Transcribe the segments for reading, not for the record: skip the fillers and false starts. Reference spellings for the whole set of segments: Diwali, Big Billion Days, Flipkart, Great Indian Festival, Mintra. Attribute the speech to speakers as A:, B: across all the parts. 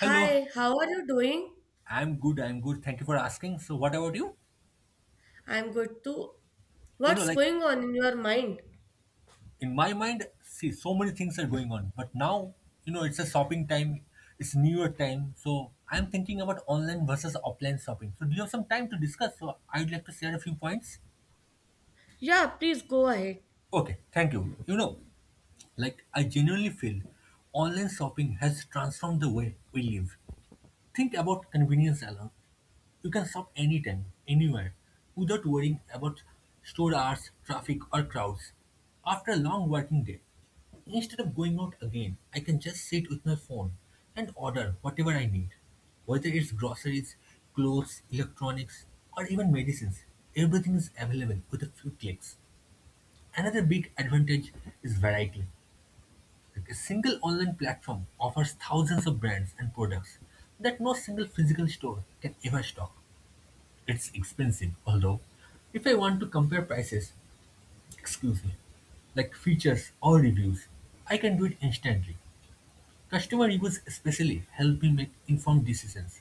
A: Hello,
B: Hi, how are you doing?
A: I'm good. I'm good. Thank you for asking. So, what about you?
B: I'm good too.
A: You know,
B: What's
A: like
B: going on in your mind?
A: in my mind, see, so many things are going on. But now, it's a shopping time, it's New Year time. So, I'm thinking about online versus offline shopping. So, do you have some time to discuss? So, I'd like to share a few points.
B: Yeah, please go ahead.
A: Okay, thank you. You know, like I genuinely feel online shopping has transformed the way we live. Think about convenience alone. You can shop anytime, anywhere, without worrying about store hours, traffic, or crowds. After a long working day, instead of going out again, I can just sit with my phone and order whatever I need. Whether it's groceries, clothes, electronics, or even medicines, everything is available with a few clicks. Another big advantage is variety. Like a single online platform offers thousands of brands and products that no single physical store can ever stock. It's expensive, although if I want to compare prices, excuse me, like features or reviews, I can do it instantly. Customer reviews especially help me make informed decisions.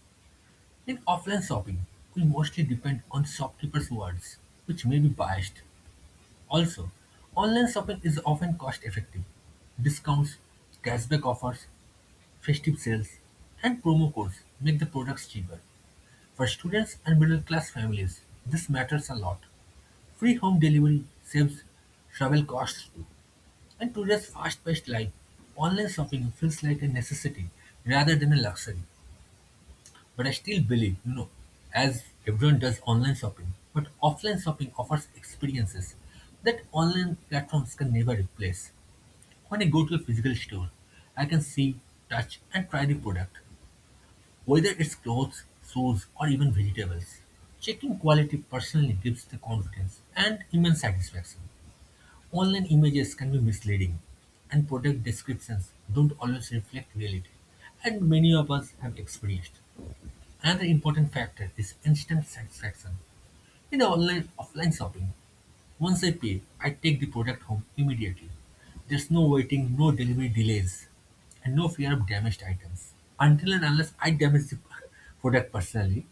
A: In offline shopping, we mostly depend on shopkeepers' words, which may be biased. Also, online shopping is often cost effective. Discounts, cashback offers, festive sales, and promo codes make the products cheaper. For students and middle-class families, this matters a lot. Free home delivery saves travel costs too. In today's fast-paced life, online shopping feels like a necessity rather than a luxury. But I still believe, as everyone does online shopping, but offline shopping offers experiences that online platforms can never replace. When I go to a physical store, I can see, touch, and try the product. Whether it's clothes, shoes, or even vegetables, checking quality personally gives the confidence and immense satisfaction. Online images can be misleading, and product descriptions don't always reflect reality, and many of us have experienced. Another important factor is instant satisfaction in the online offline shopping. Once I pay, I take the product home immediately. There's no waiting, no delivery delays, and no fear of damaged items. Until and unless I damage the product personally,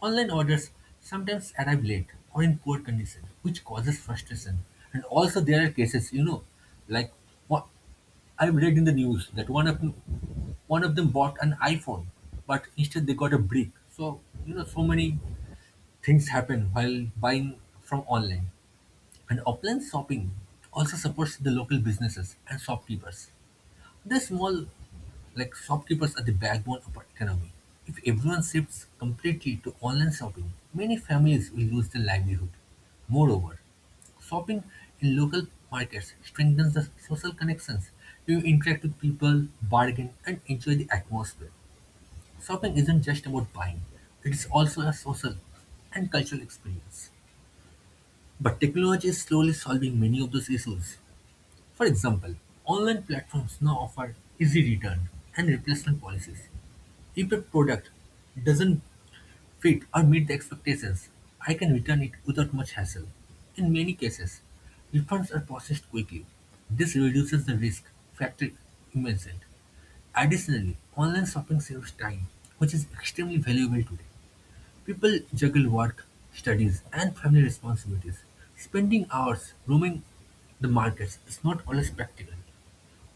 A: online orders sometimes arrive late or in poor condition, which causes frustration. And also, there are cases, you know, like what I've read in the news that one of them bought an iPhone, but instead they got a brick. So so many things happen while buying from online. And offline shopping also supports the local businesses and shopkeepers. The small like shopkeepers are the backbone of our economy. If everyone shifts completely to online shopping, many families will lose their livelihood. Moreover, shopping in local markets strengthens the social connections. You interact with people, bargain, and enjoy the atmosphere. Shopping isn't just about buying, it is also a social and cultural experience. But technology is slowly solving many of those issues. For example, online platforms now offer easy return and replacement policies. If a product doesn't fit or meet the expectations, I can return it without much hassle. In many cases, refunds are processed quickly. This reduces the risk factor immensely. Additionally, online shopping saves time, which is extremely valuable today. People juggle work, studies, and family responsibilities. Spending hours roaming the markets is not always practical.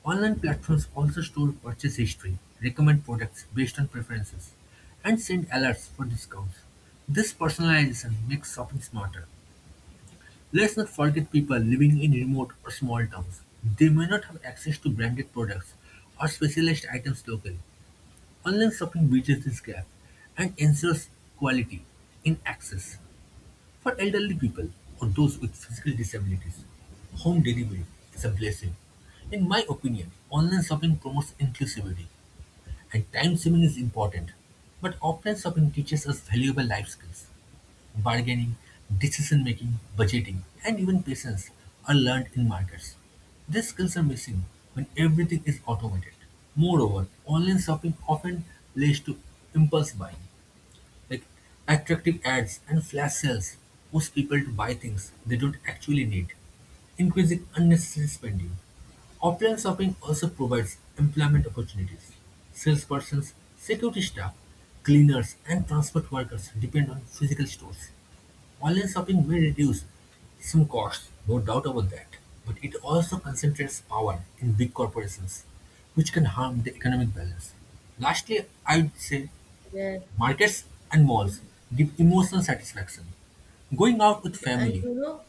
A: Online platforms also store purchase history, recommend products based on preferences, and send alerts for discounts. This personalization makes shopping smarter. Let's not forget people living in remote or small towns. They may not have access to branded products or specialized items locally. Online shopping bridges this gap and ensures quality in access. For elderly people or those with physical disabilities, home delivery is a blessing. In my opinion, online shopping promotes inclusivity and time saving is important, but offline shopping teaches us valuable life skills. Bargaining, decision making, budgeting, and even patience are learned in markets. These skills are missing when everything is automated. Moreover, online shopping often leads to impulse buying like attractive ads and flash sales push people to buy things they don't actually need, increasing unnecessary spending. Offline shopping also provides employment opportunities. Salespersons, security staff, cleaners, and transport workers depend on physical stores. Online shopping may reduce some costs, no doubt about that, but it also concentrates power in big corporations, which can harm the economic balance. Lastly, I would say
B: Yeah.
A: markets and malls give emotional satisfaction. Going out with
B: Okay, and
A: family.
B: you know,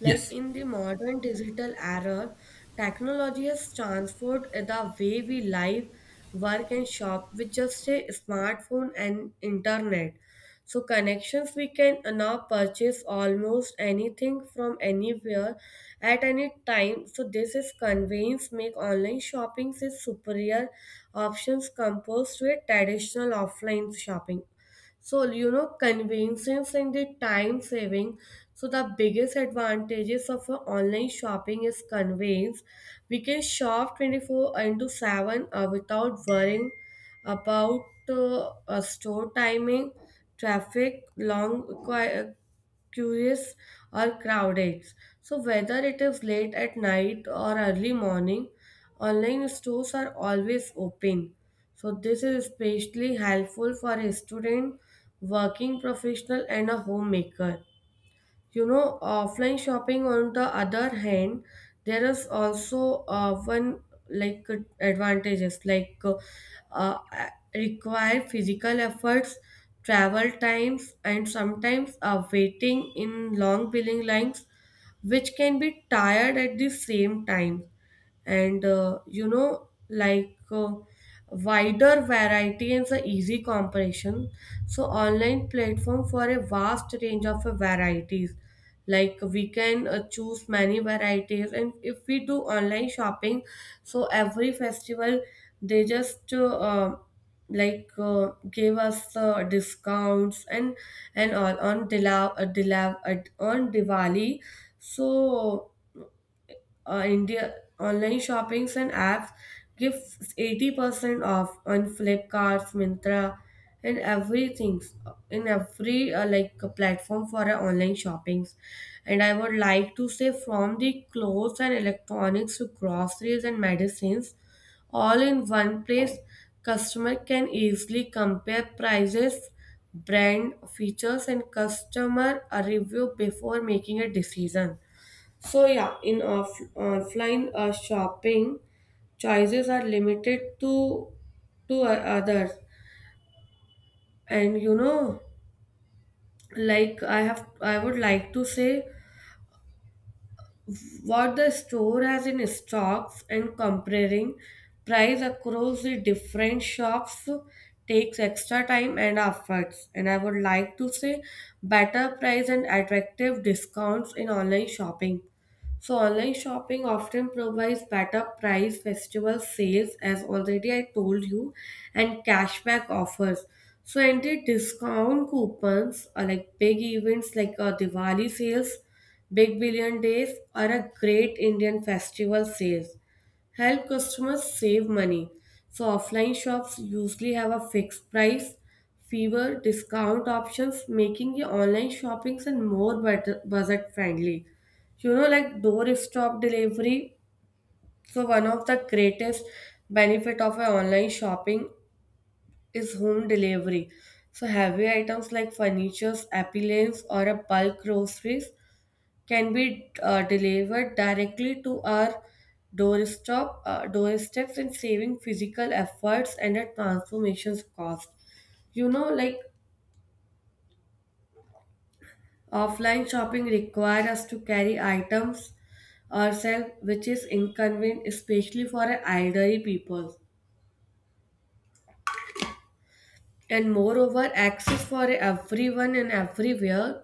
B: like
A: Yes,
B: in the modern digital era, technology has transformed the way we live, work, and shop with just a smartphone and internet. So, connections we can now purchase almost anything from anywhere at any time. So, this is convenience make online shopping a superior options compared to a traditional offline shopping. So, you know, convenience and the time saving. So, the biggest advantages of online shopping is convenience. We can shop 24 into 7 without worrying about store timing, traffic, long curious or crowded. So whether it is late at night or early morning, online stores are always open. So this is especially helpful for a student, working professional and a homemaker. You know, offline shopping on the other hand, there is also one like advantages like uh, require physical efforts, travel times, and sometimes waiting in long billing lines, which can be tired at the same time and you know like wider variety and the easy comparison so online platform for a vast range of varieties like we can choose many varieties, and if we do online shopping so every festival they just like gave us discounts and all on on Diwali. So India online shoppings and apps give 80% off on Flipkart, Mintra, and everything in every like platform for online shoppings. And I would like to say from the clothes and electronics to groceries and medicines, all in one place, customer can easily compare prices, brand features, and customer review before making a decision. So yeah, in offline shopping, choices are limited to others, and you know, like I would like to say what the store has in stocks, and comparing price across the different shops takes extra time and efforts. And I would like to say better price and attractive discounts in online shopping. So online shopping often provides better price, festival sales, as already I told you, and cashback offers. So entry discount coupons are like big events like Diwali sales, Big Billion Days, or a Great Indian Festival sales help customers save money. So offline shops usually have a fixed price, fewer discount options, making your online shopping and more budget friendly. You know, like doorstep delivery, so one of the greatest benefit of a online shopping is home delivery. So heavy items like furniture appliances or a bulk groceries can be delivered directly to our doorsteps and saving physical efforts and a transformations cost. You know, like offline shopping requires us to carry items ourselves, which is inconvenient, especially for elderly people. And moreover, access for everyone and everywhere.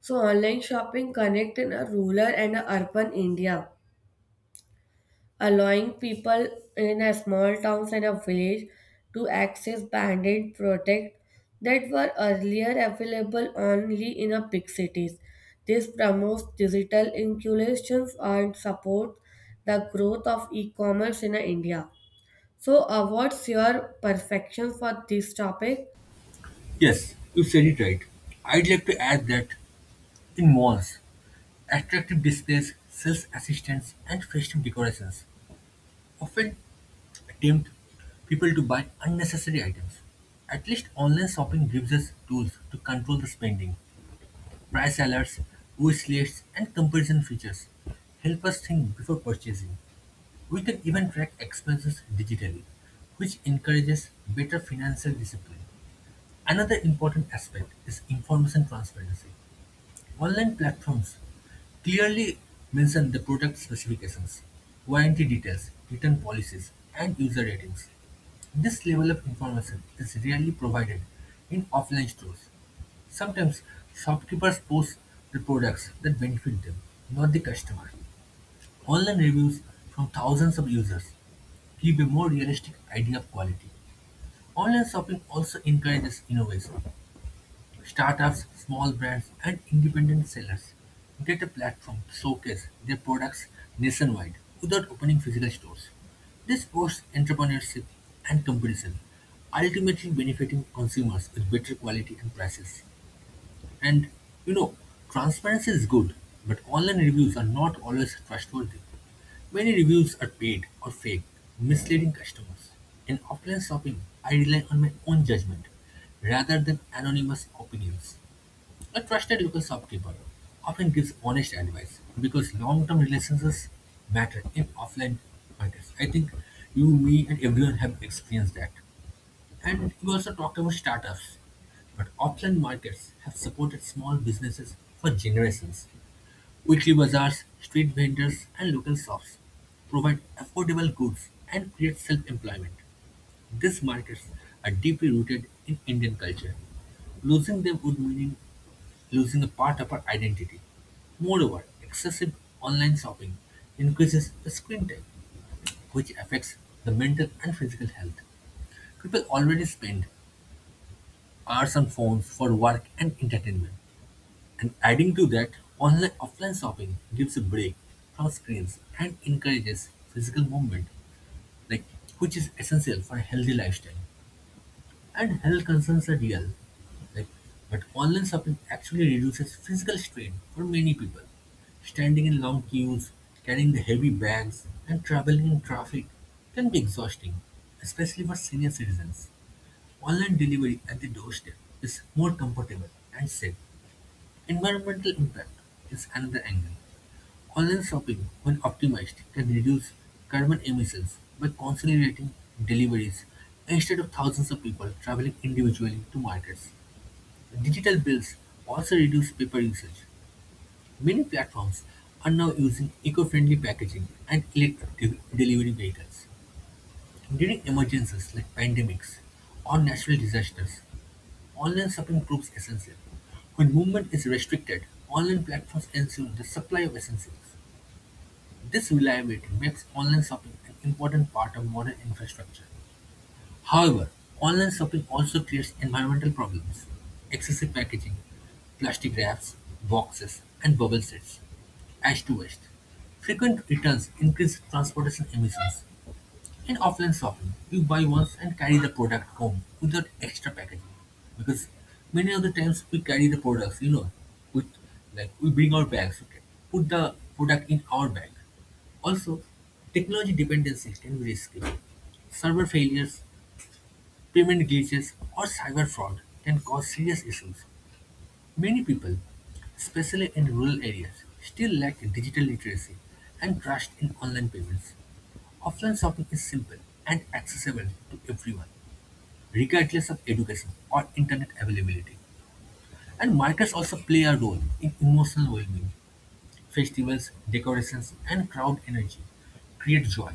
B: So online shopping connect in a rural and a urban India, allowing people in a small towns and a village to access banded products that were earlier available only in a big cities. This promotes digital inclusions and supports the growth of e-commerce in India. So, what's your perfection for this topic?
A: yes, you said it right. I'd like to add that in malls, attractive displays, sales assistants, and festive decorations often tempt people to buy unnecessary items. At least online shopping gives us tools to control the spending. Price alerts, wish lists, and comparison features help us think before purchasing. We can even track expenses digitally, which encourages better financial discipline. Another important aspect is information transparency. Online platforms clearly mention the product specifications, warranty details, return policies, and user ratings. This level of information is rarely provided in offline stores. Sometimes shopkeepers post the products that benefit them, not the customer. Online reviews from thousands of users give a more realistic idea of quality. Online shopping also encourages innovation. Startups, small brands, and independent sellers get a platform to showcase their products nationwide without opening physical stores. This boosts entrepreneurship and competition, ultimately benefiting consumers with better quality and prices. And you know, transparency is good, but online reviews are not always trustworthy. Many reviews are paid or fake, misleading customers. In offline shopping, I rely on my own judgment rather than anonymous opinions. A trusted local shopkeeper often gives honest advice because long-term relationships matter in offline markets. I think you, me, and everyone have experienced that. And you also talked about startups. But offline markets have supported small businesses for generations. Weekly bazaars, street vendors, and local shops provide affordable goods and create self employment. These markets are deeply rooted in Indian culture. Losing them would mean losing a part of our identity. Moreover, excessive online shopping increases the screen time, which affects the mental and physical health. People already spend cars and phones for work and entertainment, and adding to that, online-offline shopping gives a break from screens and encourages physical movement, like which is essential for a healthy lifestyle. And health concerns are real, like but online shopping actually reduces physical strain for many people. Standing in long queues, carrying the heavy bags, and traveling in traffic can be exhausting, especially for senior citizens. Online delivery at the doorstep is more comfortable and safe. Environmental impact is another angle. Online shopping, when optimized, can reduce carbon emissions by consolidating deliveries instead of thousands of people traveling individually to markets. Digital bills also reduce paper usage. Many platforms are now using eco-friendly packaging and electric delivery vehicles. During emergencies like pandemics or natural disasters, online shopping proves essential. When movement is restricted, online platforms ensure the supply of essentials. This reliability makes online shopping an important part of modern infrastructure. However, online shopping also creates environmental problems. Excessive packaging, plastic wraps, boxes, and bubble sets, ash to waste. Frequent returns increase transportation emissions, in offline shopping, you buy once and carry the product home without extra packaging. Because many of the times we carry the products, with we bring our bags, okay, put the product in our bag. Also, technology dependency can be risky. Server failures, payment glitches, or cyber fraud can cause serious issues. Many people, especially in rural areas, still lack digital literacy and trust in online payments. Offline shopping is simple and accessible to everyone, regardless of education or internet availability. And markets also play a role in emotional well-being. Festivals, decorations, and crowd energy create joy.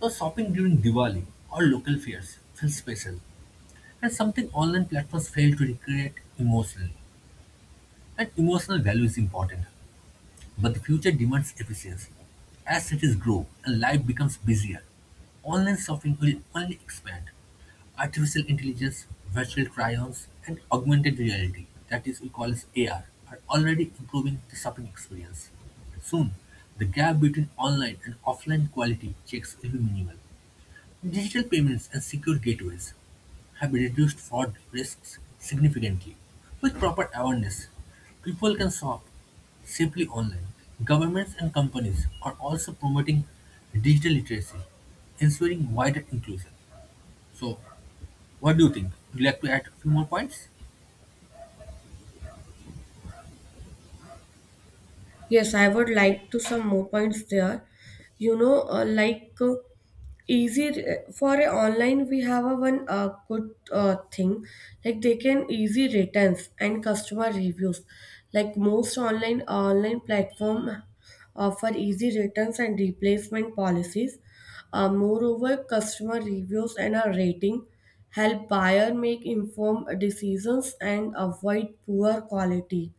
A: So shopping during Diwali or local fairs feels special, and something online platforms fail to recreate emotionally. And emotional value is important. But the future demands efficiency. As cities grow and life becomes busier, online shopping will only expand. Artificial intelligence, virtual try-ons, and augmented reality, that is, we call as AR, are already improving the shopping experience. Soon, the gap between online and offline quality checks will be minimal. Digital payments and secure gateways have reduced fraud risks significantly. With proper awareness, people can shop safely online. Governments and companies are also promoting digital literacy, ensuring wider inclusion. So, what do you think? Would you like to add a few more points?
B: Yes, I would like to some more points there. You know, like easy for a online, we have a one good thing like they can easy returns and customer reviews. Like most online platform offer easy returns and replacement policies. Moreover, customer reviews and a rating help buyer make informed decisions and avoid poor quality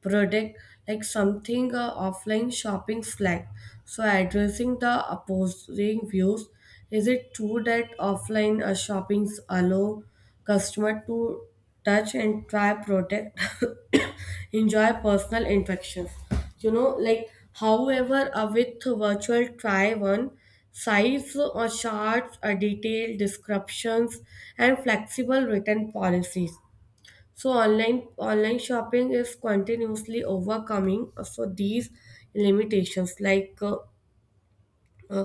B: product like something offline shopping flag. So addressing the opposing views, is it true that offline shoppings allow customer to touch and try product, enjoy personal interactions? You know, like however, with virtual try on size or charts, detailed descriptions, and flexible written policies, so online shopping is continuously overcoming so these limitations like uh,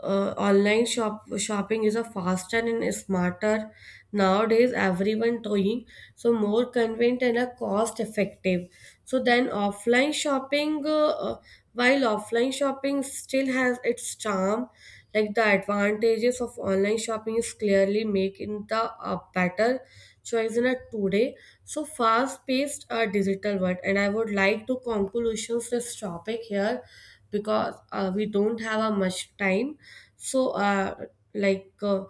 B: online shopping is a faster and smarter, nowadays everyone doing, so more convenient and a cost effective so then offline shopping while offline shopping still has its charm, like the advantages of online shopping is clearly making the better choice in a today so fast paced digital world. And I would like to conclusions this topic here because we don't have a much time. So like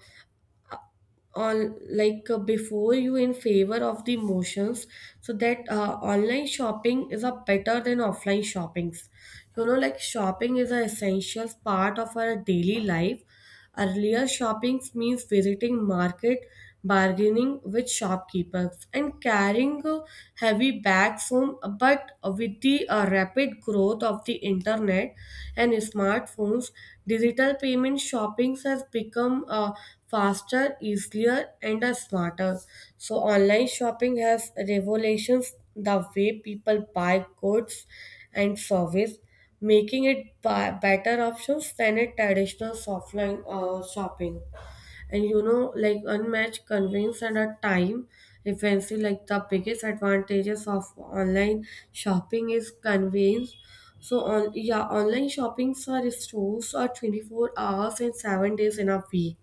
B: on like before you in favor of the motions, so that online shopping is a better than offline shoppings. You know, like shopping is an essential part of our daily life. Earlier, shopping means visiting market, bargaining with shopkeepers, and carrying heavy bags home. But with the rapid growth of the internet and smartphones, digital payment shopping has become faster, easier, and smarter. So, online shopping has revolutions the way people buy goods and service, making it better options than a traditional offline shopping. And you know, like unmatched convenience and a time efficiency, like the biggest advantages of online shopping is convenience. So on yeah, online shoppings are stores are 24 hours and 7 days in a week.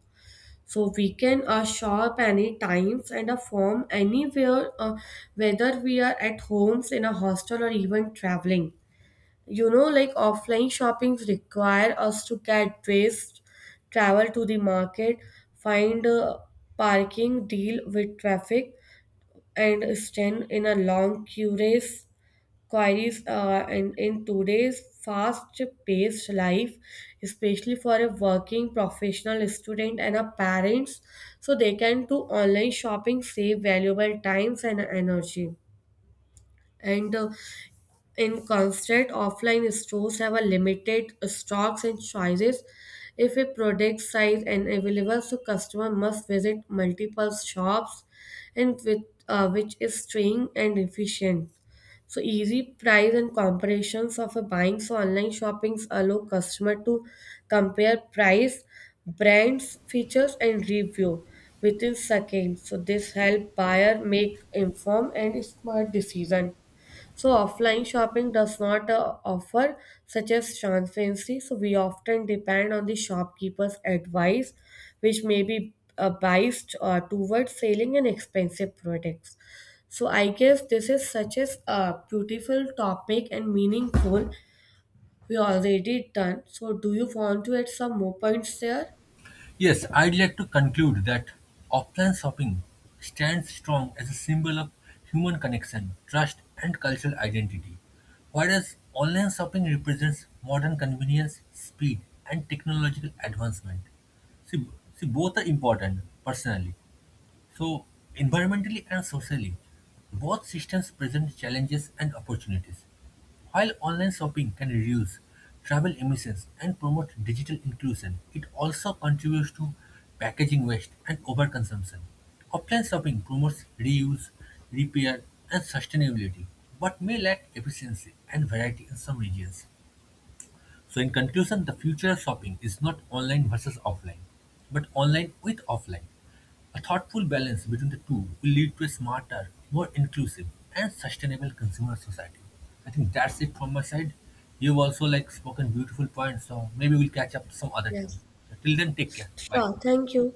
B: So we can shop any times and from anywhere, whether we are at homes, in a hostel, or even traveling. You know, like offline shopping require us to get dressed, travel to the market, find a parking, deal with traffic, and stand in a long queue queries and in today's fast-paced life, especially for a working professional student and a parents, so they can do online shopping, save valuable times and energy. And in constant offline stores have a limited stocks and choices if a product size and available, so customer must visit multiple shops and with which is staying and efficient. So easy price and comparisons of a buying, so online shoppings allow customer to compare price, brands features and review within seconds, so this help buyer make informed and smart decision. So offline shopping does not offer such as transparency. So we often depend on the shopkeeper's advice, which may be biased towards selling an expensive products. So I guess this is such as a beautiful topic and meaningful. We already done. So do you want to add some more points there?
A: Yes, I'd like to conclude that offline shopping stands strong as a symbol of human connection, trust, and cultural identity, whereas online shopping represents modern convenience, speed, and technological advancement. See, see, both are important personally, so, environmentally and socially, both systems present challenges and opportunities. While online shopping can reduce travel emissions and promote digital inclusion, it also contributes to packaging waste and overconsumption. Offline shopping promotes reuse, repair, and sustainability, but may lack efficiency and variety in some regions. So, in conclusion, the future of shopping is not online versus offline, but online with offline. A thoughtful balance between the two will lead to a smarter, more inclusive, and sustainable consumer society. I think that's it from my side. You've also spoken beautiful points, so maybe we'll catch up some other time.
B: Yes.
A: So till then, take care. Bye.
B: Sure. Thank you.